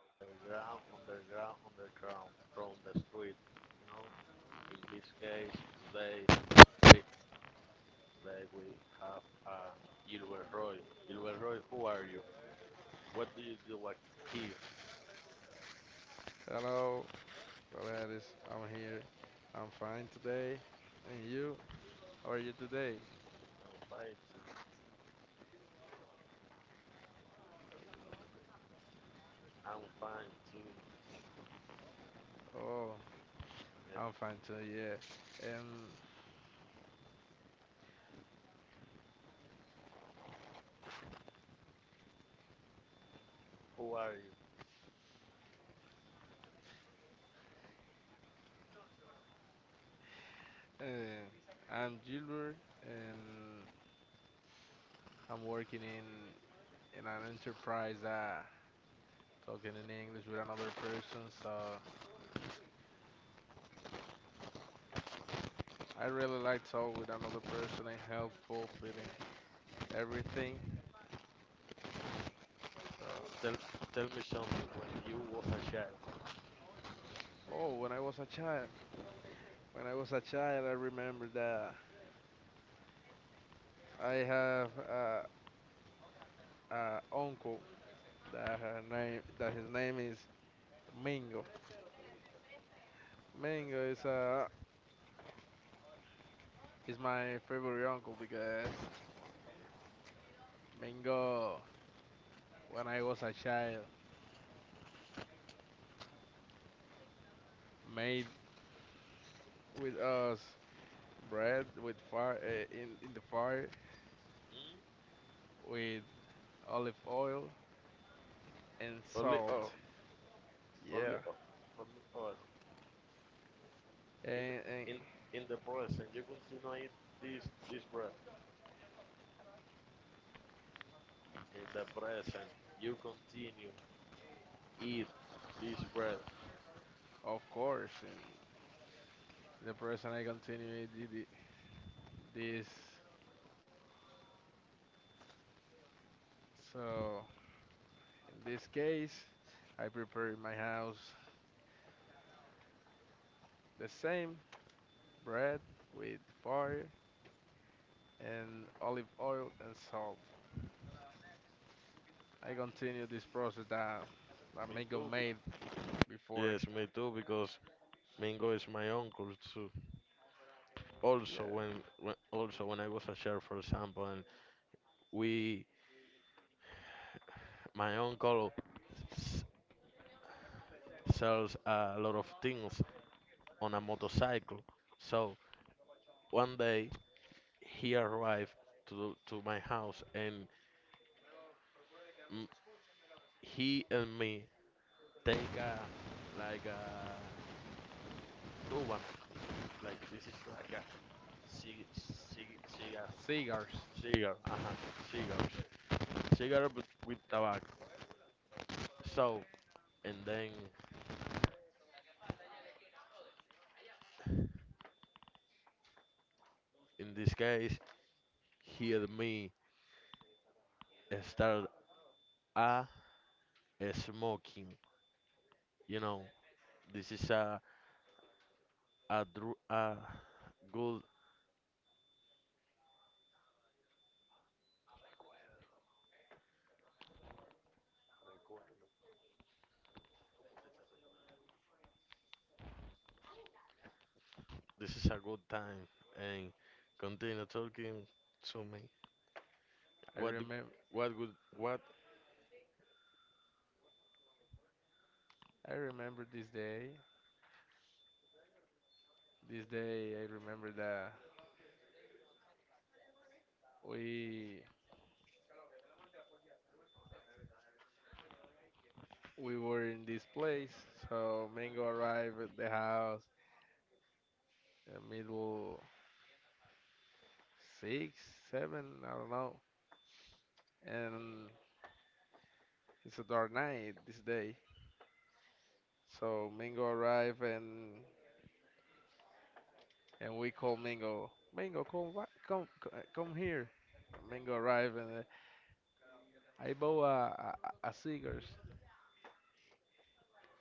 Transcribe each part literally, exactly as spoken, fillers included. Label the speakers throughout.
Speaker 1: Underground, underground, underground, from the street. You know, in this case, today we today we have uh, Gilbert Roy. Gilbert Roy, who are you? What do you do at here?
Speaker 2: Hello, Gladys. I'm here. I'm fine today. And you? How are you today?
Speaker 1: I'm fine too. I'm fine too.
Speaker 2: Oh,
Speaker 1: And
Speaker 2: I'm fine too. Yeah. Um,
Speaker 1: who are you?
Speaker 2: uh, I'm Gilbert, and I'm working in in an enterprise. Uh, talking in English with another person. So I really like talk with another person and helpful feeling everything. So,
Speaker 1: Tell, tell me something when you was a child.
Speaker 2: oh, when I was a child, when I was a child, I remember that I have a, a uncle. That her name, that his name is Mingo. Mingo is uh is my favorite uncle because Mingo, when I was a child, made with us bread with fire uh, in in the fire
Speaker 1: Hmm?
Speaker 2: with olive oil and
Speaker 1: Only
Speaker 2: salt.
Speaker 1: Oh,
Speaker 2: Yeah,
Speaker 1: only Oh, only us. In,
Speaker 2: and, and
Speaker 1: in, in the present, you continue this, this breath. In the present. You continue eat this bread.
Speaker 2: of course, and the person I continue did it- this. So in this case, I prepare in my house the same bread with fire and olive oil and salt. I continue this process that that
Speaker 1: Me
Speaker 2: Amigo
Speaker 1: too. Be-
Speaker 2: made before.
Speaker 1: yes, me too. Because Mingo is my uncle too. Also,
Speaker 2: Yeah,
Speaker 1: when, when also when I was a child, for example, and we, my uncle s- sells a lot of things on a motorcycle. So one day he arrived to to my house, and m- he and me take a like a do one like this is like Cig cig cigar,
Speaker 2: cigars.
Speaker 1: cigar, uh-huh, cigars, cigar with, with tobacco. So, and then in this case, he and me started a smoking. You know, this is a a, dru- a good. This is a good time, and continue talking to me.
Speaker 2: I
Speaker 1: What do,
Speaker 2: remember.
Speaker 1: what would what?
Speaker 2: I remember this day. This day, I remember that we we were in this place. So Mingo arrived at the house in middle six, seven, I don't know. And it's a dark night this day. So Mingo arrived and and we call Mingo. Mingo, come, wha- come, c- uh, come here. Mingo arrived, and uh, I bought a, a, a cigars.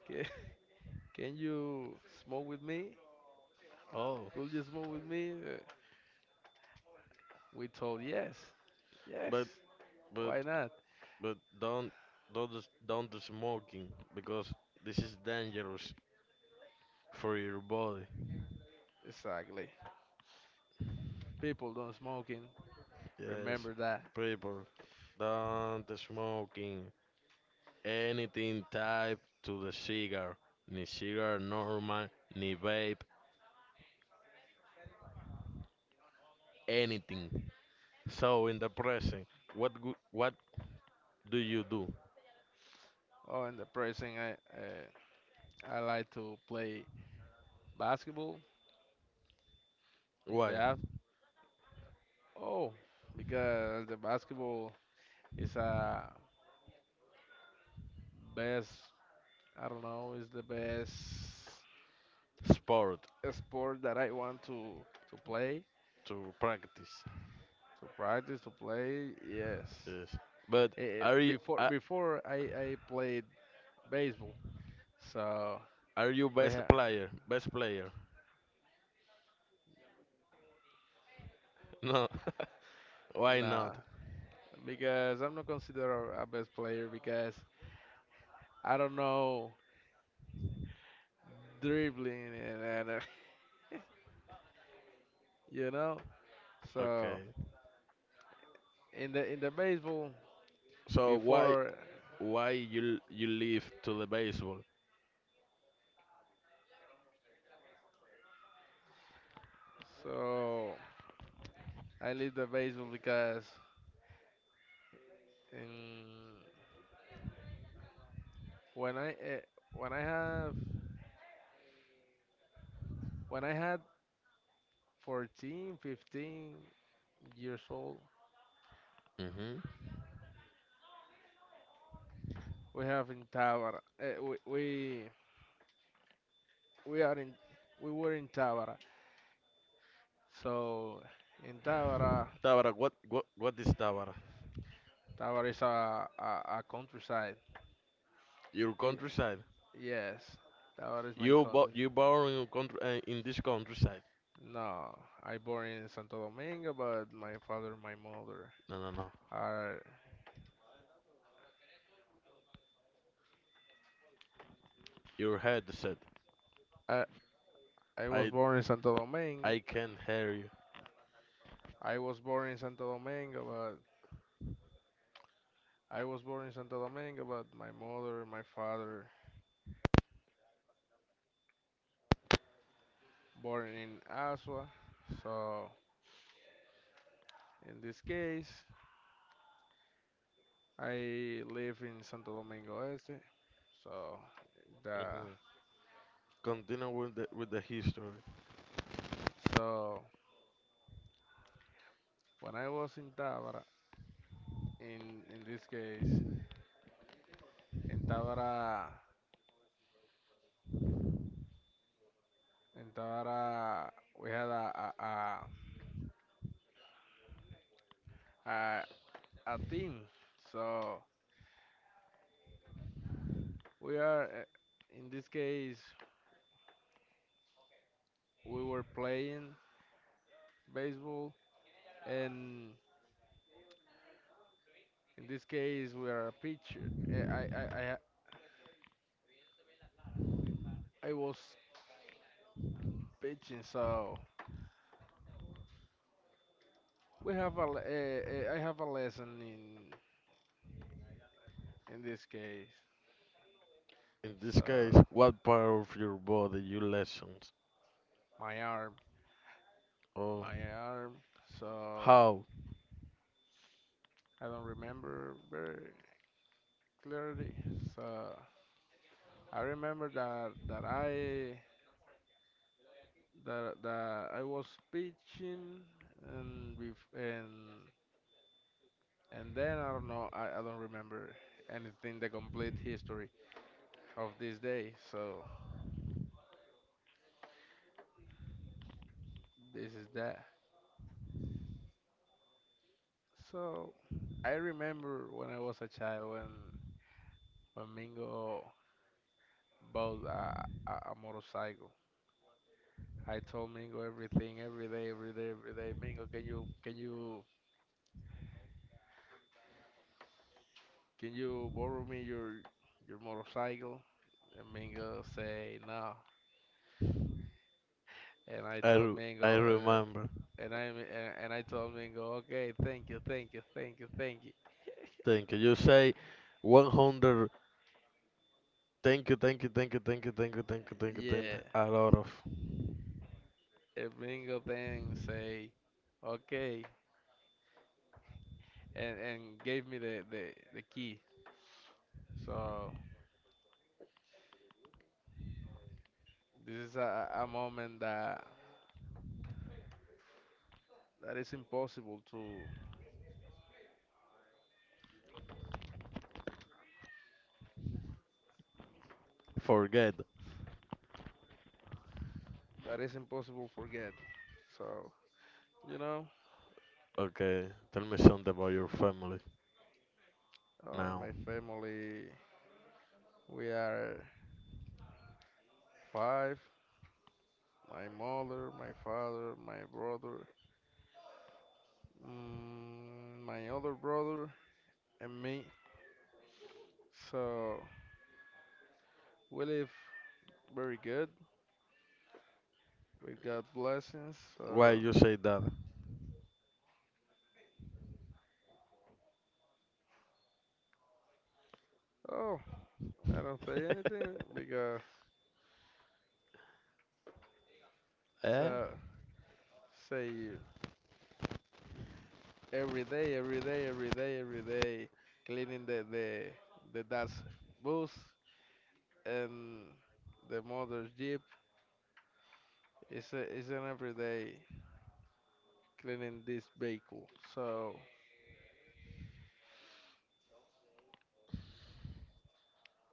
Speaker 2: Can, can you smoke with me?
Speaker 1: Oh,
Speaker 2: Could you smoke with me? Uh, we told yes, yes.
Speaker 1: but but
Speaker 2: Why not?
Speaker 1: But don't don't do- don't do smoking because this is dangerous for your body.
Speaker 2: Exactly. People don't smoking.
Speaker 1: Yes,
Speaker 2: Remember that.
Speaker 1: people, don't smoking anything type to the cigar, ni cigar normal, ni vape, anything. So in the present, what go- what do you do?
Speaker 2: Oh, in the prison, I uh, I like to play basketball in the
Speaker 1: Why?
Speaker 2: af- oh, because the basketball is a best, I don't know, it's the best
Speaker 1: Sport
Speaker 2: sport that I want to to play,
Speaker 1: to practice.
Speaker 2: to practice, to play. Yes.
Speaker 1: Yes, but
Speaker 2: Eh, eh,
Speaker 1: are you
Speaker 2: before
Speaker 1: are,
Speaker 2: before I I played baseball, so
Speaker 1: are you
Speaker 2: we
Speaker 1: best
Speaker 2: ha
Speaker 1: player? Best player? No, why
Speaker 2: nah,
Speaker 1: not?
Speaker 2: because I'm not considered a best player because I don't know dribbling, and, and uh, you know. So
Speaker 1: Okay.
Speaker 2: in the in the baseball
Speaker 1: So why
Speaker 2: before,
Speaker 1: why you you leave to the baseball?
Speaker 2: so I leave the baseball because. In When I uh, when I have when I had fourteen, fifteen years old,
Speaker 1: Hmm.
Speaker 2: we have in Tabara. Uh, we, we we are in we were in Tabara. So in Tabara,
Speaker 1: Tabara, what what what is Tabara?
Speaker 2: Tabara is a, a, a countryside.
Speaker 1: Your
Speaker 2: I-
Speaker 1: countryside.
Speaker 2: yes, Tabara is my
Speaker 1: You bo
Speaker 2: country.
Speaker 1: you born in country uh, in this countryside.
Speaker 2: No, I born in Santo Domingo, but my father and my mother
Speaker 1: No, no, no.
Speaker 2: are.
Speaker 1: Your head said.
Speaker 2: I, I was
Speaker 1: I
Speaker 2: born in Santo Domingo.
Speaker 1: I can hear you.
Speaker 2: I was born in Santo Domingo, I was born in Santo Domingo, but my mother, my father, born in Asua. So in this case, I live in Santo Domingo Este. So the
Speaker 1: Hmm. Continue with the with the history.
Speaker 2: so when I was in Tabara, in in this case, in Tabara, in Tabara, we had a a a, a, a team. So we are uh, in this case, we were playing baseball and in this case, we are a pitcher. Eh, I, I, I, I was pitching, so we have a, le- eh, eh, I have a lesson in in this case.
Speaker 1: In this
Speaker 2: So
Speaker 1: case, what part of your body you lessons?
Speaker 2: my arm,
Speaker 1: Oh,
Speaker 2: my arm. So
Speaker 1: how?
Speaker 2: I don't remember very clearly. So I remember that that I that that I was pitching and with and and then I don't know. I, I don't remember anything the complete history of this day. So. This is that. So I remember when I was a child when when Mingo bought a, a, a motorcycle. I told Mingo everything every day, every day, every day. Mingo, can you can you can you borrow me your your motorcycle? And Mingo say no. And I
Speaker 1: I
Speaker 2: told
Speaker 1: re- I
Speaker 2: Mingo uh,
Speaker 1: remember.
Speaker 2: and I and and I told Mingo, okay, thank you, thank you, thank you, thank you.
Speaker 1: Thank you. You say one hundred. Thank you, thank you, thank you, thank you, thank you, thank you, thank you, thank you.
Speaker 2: Yeah.
Speaker 1: A lot of
Speaker 2: And Mingo then say, okay, and and gave me the the, the key. So this is a, a moment that that is impossible to
Speaker 1: forget.
Speaker 2: that is impossible forget. So, you know,
Speaker 1: Okay, tell me something about your family
Speaker 2: uh, in
Speaker 1: now.
Speaker 2: my family we are five. My mother, my father, my brother, mm, my other brother, and me. So we live very good. We got blessings.
Speaker 1: Why
Speaker 2: So
Speaker 1: you say that?
Speaker 2: oh, I don't say anything because
Speaker 1: Eh?
Speaker 2: so say every day, every day, every day, every day, cleaning the the the dad's boots and the mother's jeep is a, is an everyday cleaning this vehicle. So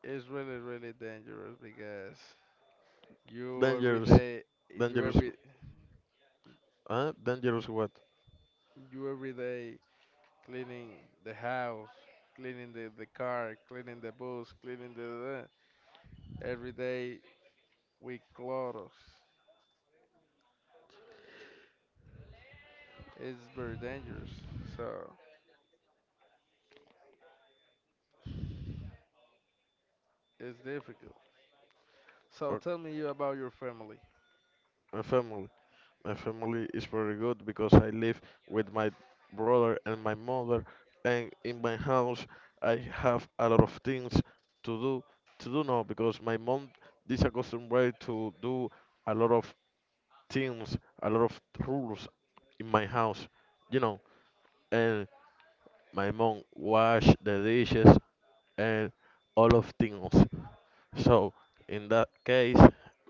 Speaker 2: it's really really dangerous because you every
Speaker 1: Dangerous,
Speaker 2: day you
Speaker 1: dangerous,
Speaker 2: every
Speaker 1: huh? Dangerous what?
Speaker 2: you every day cleaning the house, cleaning the the car, cleaning the bus, cleaning the, the every day with clothes. It's very dangerous. So. It's difficult. So
Speaker 1: Or
Speaker 2: tell me you about your family.
Speaker 1: my family. My family is very good because I live with my brother and my mother, and in my house I have a lot of things to do. To do now because my mom is accustomed to do a lot of things, a lot of rules in my house, you know. And my mom wash the dishes and all of things. So in that case,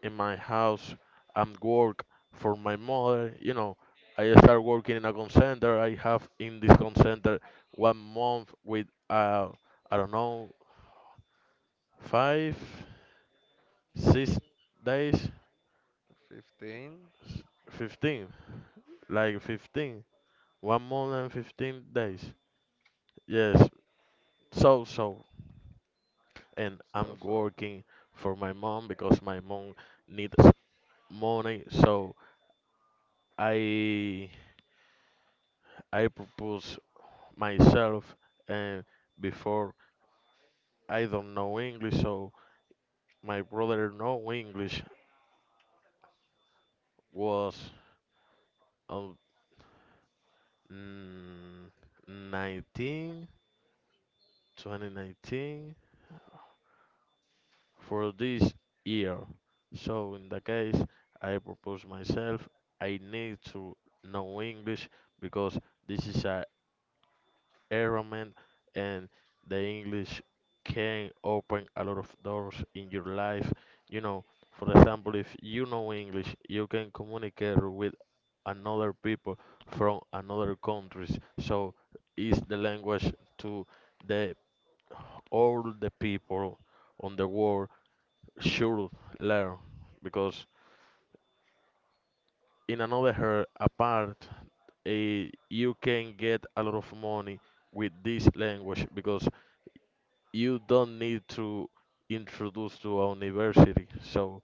Speaker 1: in my house, I'm work for my mother. You know, I start working in a call center. I have in this call center one month with uh, I don't know five, six days,
Speaker 2: fifteen.
Speaker 1: fifteen, like fifteen, one month and fifteen days. Yes, so so, and
Speaker 2: So
Speaker 1: I'm
Speaker 2: so.
Speaker 1: working for my mom because my mom needs money. So I I propose myself, and before I don't know English, so my brother know English was um, mm, nineteen, twenty nineteen, for this year. So in the case I propose myself, I need to know English because this is a environment and the English can open a lot of doors in your life. You know, for example, if you know English, you can communicate with another people from another countries. So is the language to the all the people on the world should learn because in another her apart eh, you can get a lot of money with this language because you don't need to introduce to a university. So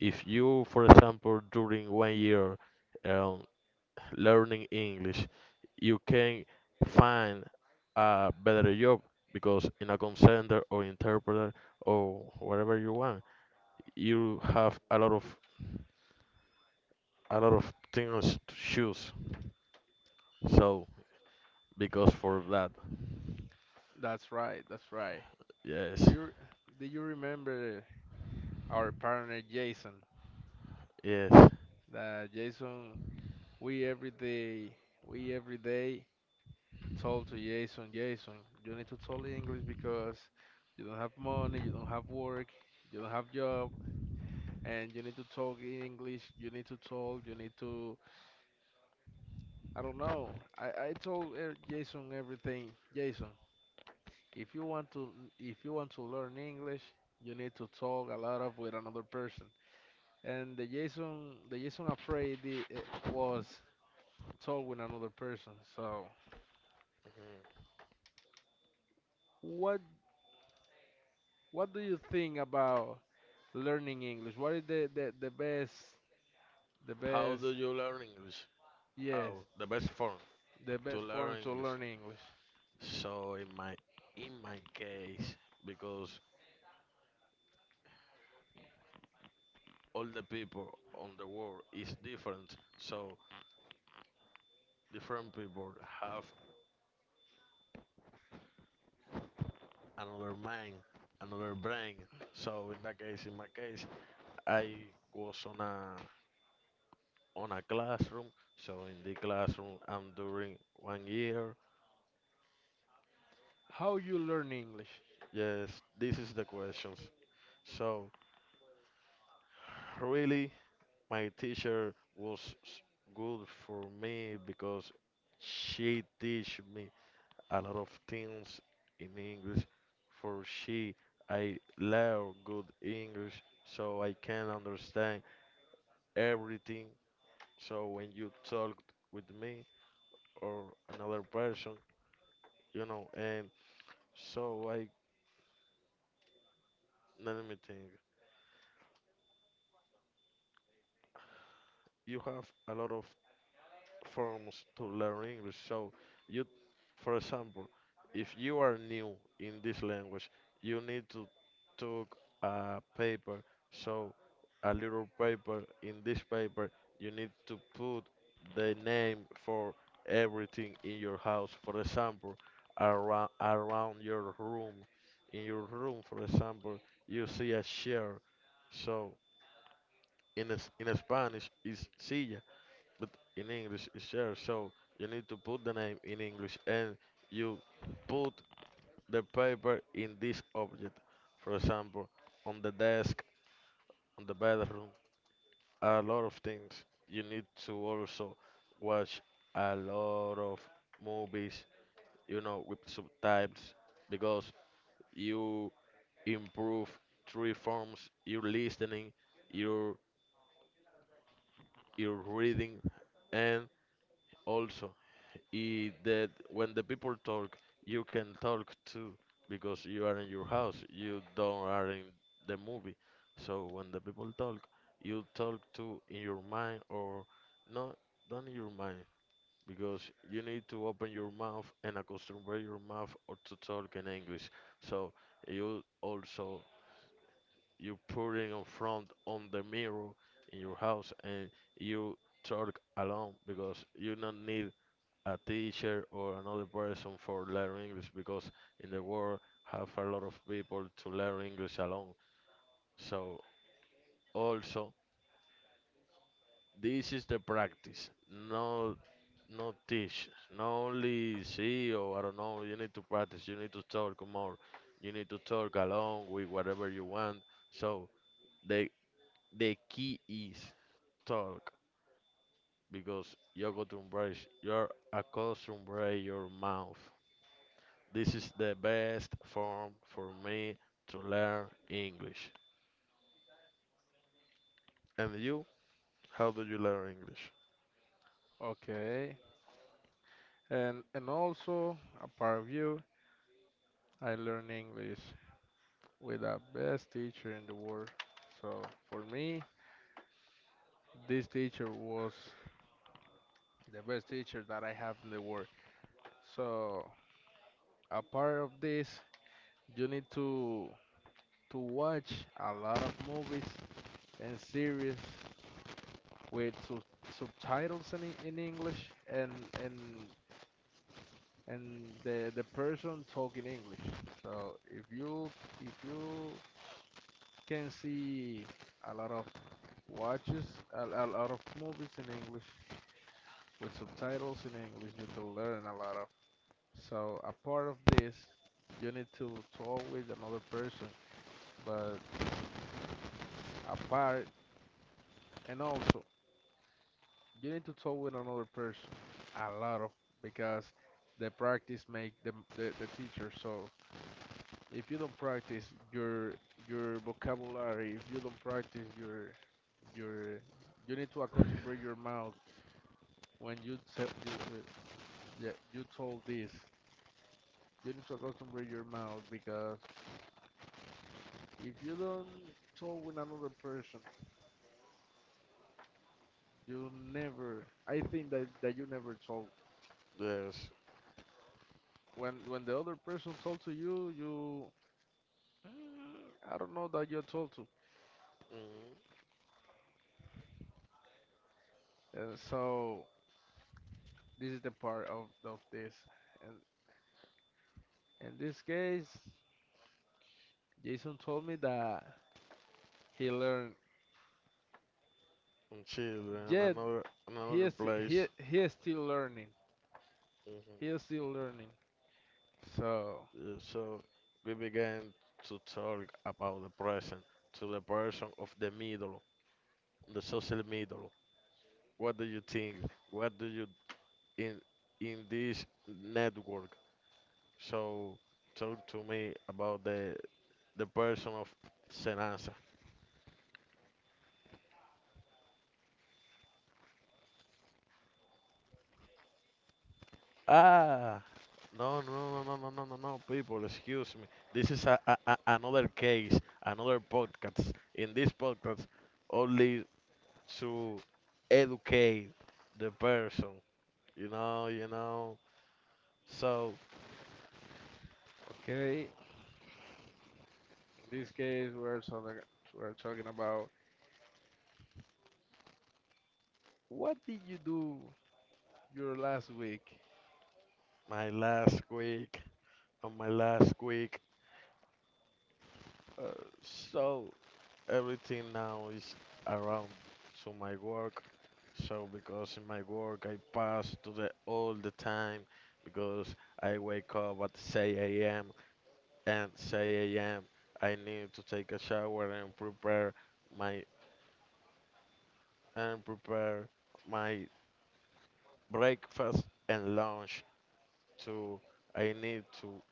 Speaker 1: if you for example during one year um, learning english you can find a better job because in a call center or interpreter or whatever you want you have a lot of a lot of things to choose. So because for that,
Speaker 2: That's right. That's right.
Speaker 1: yes,
Speaker 2: Do you do you remember our partner Jason?
Speaker 1: yes.
Speaker 2: That Jason we every day we every day told to Jason, Jason, you need to tell in English because you don't have money, you don't have work, you don't have job, and you need to talk in English. You need to talk. You need to. I don't know. I I told uh, Jason everything. Jason, If you want to if you want to learn English, you need to talk a lot of with another person. And the Jason the Jason afraid the, eh, was talk with another person. So
Speaker 1: Mhm.
Speaker 2: what what do you think about learning English? What is the, the, the best the
Speaker 1: How
Speaker 2: best
Speaker 1: do you learn English?
Speaker 2: yes
Speaker 1: How the best form
Speaker 2: the
Speaker 1: to
Speaker 2: best form
Speaker 1: learn
Speaker 2: to
Speaker 1: English?
Speaker 2: learn English?
Speaker 1: So in my in my case, because all the people on the world is different, so different people have another mind, another brain. So in that case, in my case, I was on a on a classroom. So in the classroom, I'm during one year.
Speaker 2: How you learn English?
Speaker 1: Yes, this is the questions. So, really, my teacher was s- good for me because she teach me a lot of things in English. For she, I learn good English, so I can understand everything. So when you talk with me or another person, you know, and so I let me think. You have a lot of forms to learn English. So you, for example, if you are new in this language, you need to took a paper. So a little paper. In this paper, you need to put the name for everything in your house. For example, around around your room. In your room, for example, you see a chair. So in es- in Spanish, is silla but in English is share, so you need to put the name in English and you put the paper in this object. For example, on the desk, on the bedroom, a lot of things. You need to also watch a lot of movies, you know, with subtitles because you improve three forms, your listening, your your reading and also i- that when the people talk, you can talk too because you are in your house, you don't are in the movie. So when the people talk, you talk too in your mind or no, not in your mind because you need to open your mouth and acostumbrate your mouth or to talk in English. So you also you put it in front on the mirror in your house and you talk alone because you don't need a teacher or another person for learn English because in the world have a lot of people to learn English alone. So also this is the practice, no no teach, not only see or I don't know. You need to practice. You need to talk more. You need to talk along with whatever you want. So the the key is talk because you're going to embrace you're accustomed to your mouth. This is the best form for me to learn English. And you, how do you learn English?
Speaker 2: Okay. And and also apart of you, I learn English with the best teacher in the world. So for me, this teacher was the best teacher that I have in the world. So apart of this, you need to to watch a lot of movies and series with sub- subtitles in, E- in English and and and the the person talking English. So if you if you can see a lot of watches, a, a lot of movies in English with subtitles in English, you to learn a lot of. So a part of this, you need to talk with another person, but apart and also you need to talk with another person a lot of because the practice make the the, the teacher. So if you don't practice your your vocabulary, if you don't practice your your you need to accostumbra your mouth when you, te- you, uh, yeah, you told this. You need to accostumbra your mouth because if you don't talk with another person, you never. I think that that you never talk.
Speaker 1: Yes,
Speaker 2: When when the other person talk to you, you. Mm, I don't know that you talk to.
Speaker 1: mm
Speaker 2: And so this is the part of of this. And in this case, Jason told me that he learned.
Speaker 1: in Chile and
Speaker 2: Yet
Speaker 1: another in
Speaker 2: he
Speaker 1: another
Speaker 2: is he
Speaker 1: place.
Speaker 2: he is still learning. He
Speaker 1: Hmm.
Speaker 2: is still learning. So
Speaker 1: So we began to talk about the present to the person of the middle, the social middle. What do you think? What do you in in this network? So talk to me about the the person of Senan. Ah, no, no, no, no, no, no, no, no, people, excuse me. This is a, a, a- another case, another podcast. In this podcast, only to educate the person, you know, you know. So,
Speaker 2: okay, in this case, we're talking we're talking about what did you do your last week.
Speaker 1: my last week, on my last week, uh, so everything now is around to my work. So because in my work I pass to the all the time because I wake up at six a m and six a m. I need to take a shower and prepare my and prepare my breakfast and lunch too. I need to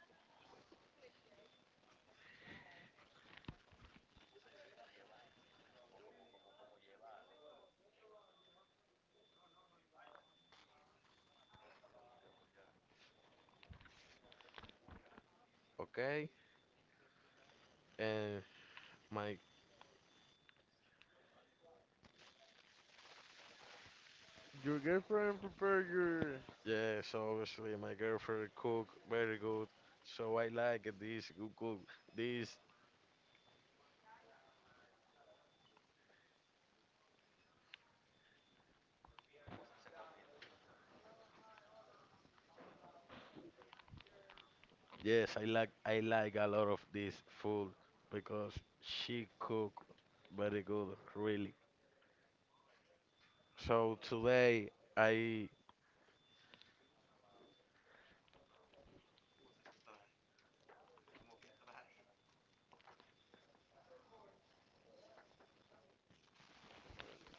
Speaker 1: okay and my
Speaker 2: Your girlfriend prepared your.
Speaker 1: yeah so obviously my girlfriend cook very good so I like this good cook this. Yes, I like I like a lot of this food because she cook very good, really. So today I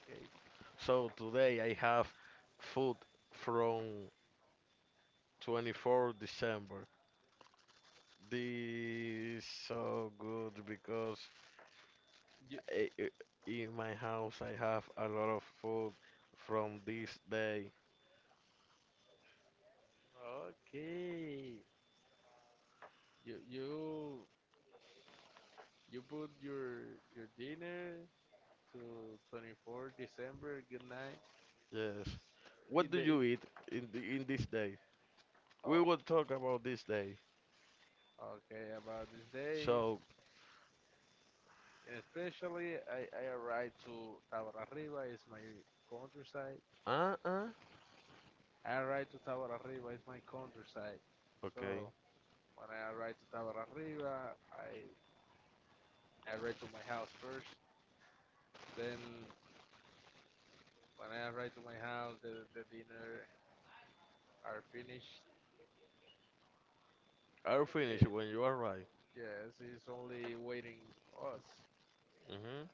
Speaker 2: Okay.
Speaker 1: so today I have food from twenty-fourth December. This so good because
Speaker 2: You,
Speaker 1: i i- in my house I have a lot of food from this day.
Speaker 2: okay. you, you, you put your your dinner to twenty fourth December. Good night.
Speaker 1: Yes.
Speaker 2: In
Speaker 1: What do
Speaker 2: the in,
Speaker 1: you eat in the, in this day?
Speaker 2: oh,
Speaker 1: We will talk about this day.
Speaker 2: okay. About this day,
Speaker 1: So,
Speaker 2: and especially I I arrived to Tabarra Arriba. Is my countryside.
Speaker 1: uh-uh.
Speaker 2: I arrived to Tabarra Arriba. Is my countryside. So
Speaker 1: Okay.
Speaker 2: when I arrived to Tabarra Arriba, I I arrived to my house first. Then when I arrive to my house, the, the dinner are finished.
Speaker 1: I'll finish
Speaker 2: It,
Speaker 1: when you are right.
Speaker 2: yes, it's only waiting us.
Speaker 1: Hmm.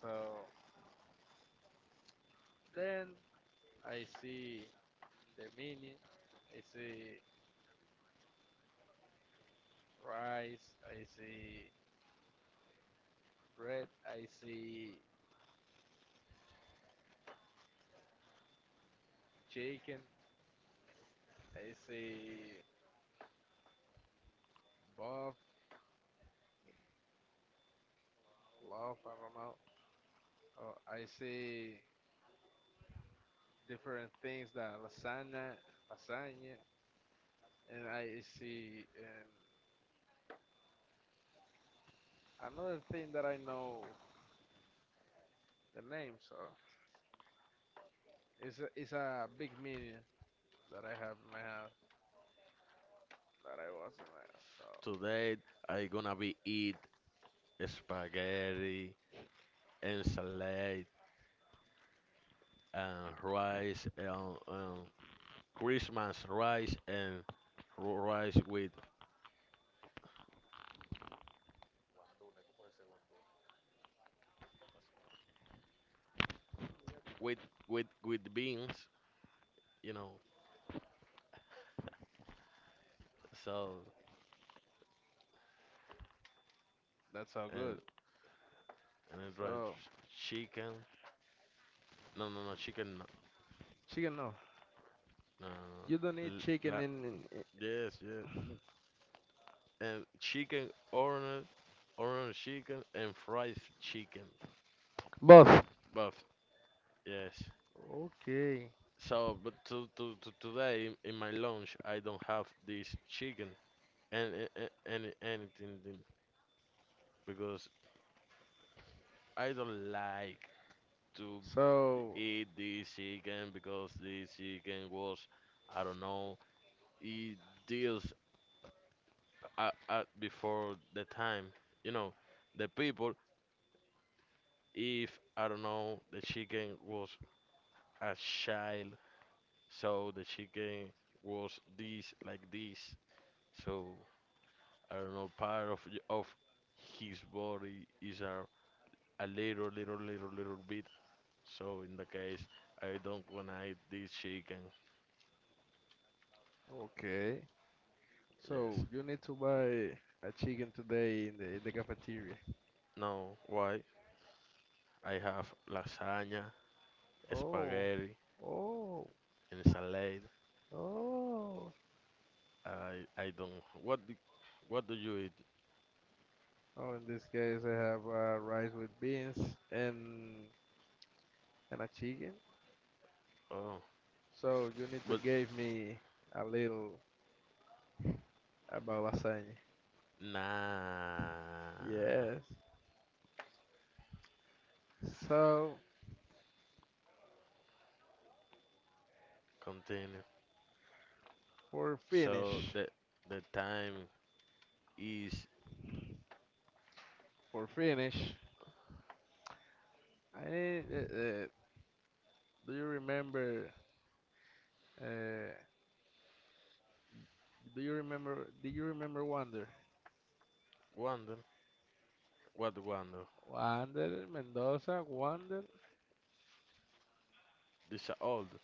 Speaker 2: So then I see the menu, I see rice, I see bread, I see chicken, I see buff, love, I don't know. Oh, I see different things that lasagna, lasagna, and I see and another thing that I know the name. So it's a, it's a big menu that I have in my house that I wasn't at. So
Speaker 1: Today I gonna be eat spaghetti and salad and rice and, and Christmas rice and ro- rice with with with with beans, you know. So
Speaker 2: that's how
Speaker 1: and
Speaker 2: good.
Speaker 1: and it right
Speaker 2: So
Speaker 1: ch- chicken. No no no chicken no
Speaker 2: chicken no,
Speaker 1: no no. No.
Speaker 2: you don't need
Speaker 1: L- La,
Speaker 2: chicken in, in, in
Speaker 1: yes yes n- and chicken orange orange chicken and fried chicken.
Speaker 2: Both.
Speaker 1: But yes.
Speaker 2: Okay.
Speaker 1: So, but to, to, to today in my lunch, I don't have this chicken and, and, and anything then, because I don't like to
Speaker 2: So
Speaker 1: eat this chicken because this chicken was, I don't know, it deals at, at before the time. You know, the people, if I don't know, the chicken was a child, so the chicken was this like this. So. I don't know, part of of his body is a, a little, little, little, little bit. So in the case, I don't wanna eat this chicken.
Speaker 2: okay.
Speaker 1: Yes.
Speaker 2: So you need to buy a chicken today in the in the cafeteria.
Speaker 1: No. Why? I have lasagna,
Speaker 2: Oh,
Speaker 1: spaghetti,
Speaker 2: oh,
Speaker 1: and salad.
Speaker 2: oh.
Speaker 1: I I don't. What do, what do you eat?
Speaker 2: Oh, in this case, I have uh, rice with beans and and a chicken.
Speaker 1: Oh,
Speaker 2: So you need to
Speaker 1: but
Speaker 2: give me a little about lasagna.
Speaker 1: nah.
Speaker 2: Yes. So
Speaker 1: Continue.
Speaker 2: for
Speaker 1: So
Speaker 2: finish,
Speaker 1: the the time is
Speaker 2: for finish, I need. Uh, uh, do you remember? Uh, do you remember? Do you remember Wander?
Speaker 1: wonder. What wonder?
Speaker 2: Wander Mendoza. Wander.
Speaker 1: This a old.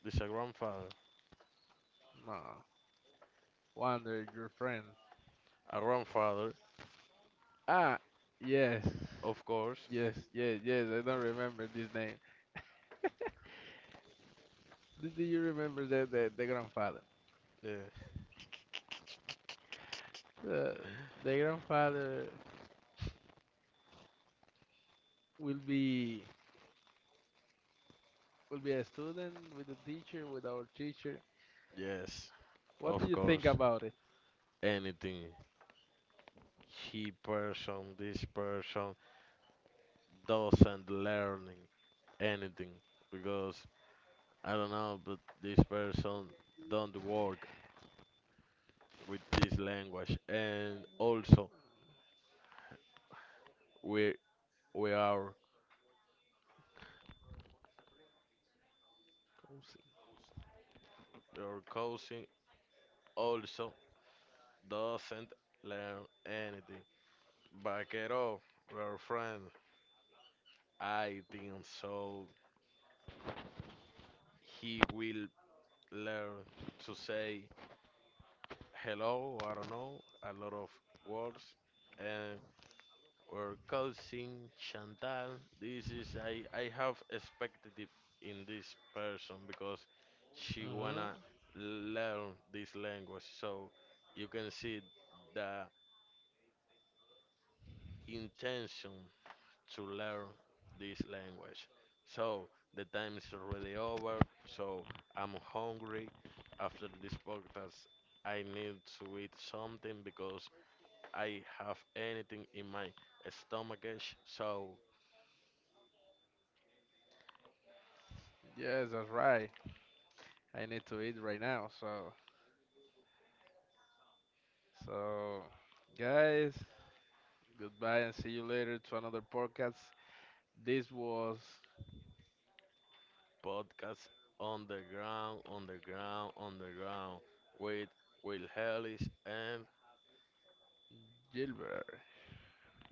Speaker 1: This a grandfather.
Speaker 2: No. Wander, your friend.
Speaker 1: A grandfather,
Speaker 2: Ah, yes,
Speaker 1: of course.
Speaker 2: yes, yes, yes. I don't remember this name. Do, do you remember the the, the grandfather?
Speaker 1: Yeah.
Speaker 2: The, the grandfather will be will be a student with a teacher with our teacher.
Speaker 1: Yes,
Speaker 2: What do
Speaker 1: of
Speaker 2: you think
Speaker 1: course.
Speaker 2: about it?
Speaker 1: Anything. He person, this person doesn't learning anything because I don't know, but this person don't work with this language. And also, we we are
Speaker 2: Cozy.
Speaker 1: your cousin also doesn't learn anything. Back it up, your friend. I think so. He will learn to say hello, I don't know, a lot of words. And our cousin Chantal, this is I I have expected it in this person because she
Speaker 2: Mhm.
Speaker 1: wanna learn this language. So you can see the intention to learn this language. So the time is already over. So I'm hungry. After this podcast, I need to eat something because I have anything in my stomach. So
Speaker 2: Yes, that's right. I need to eat right now. So, so guys, goodbye and see you later to another podcast. This was
Speaker 1: podcast on the ground, on the ground, on the ground with Will Ellis. And
Speaker 2: Gilbert.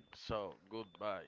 Speaker 1: so goodbye.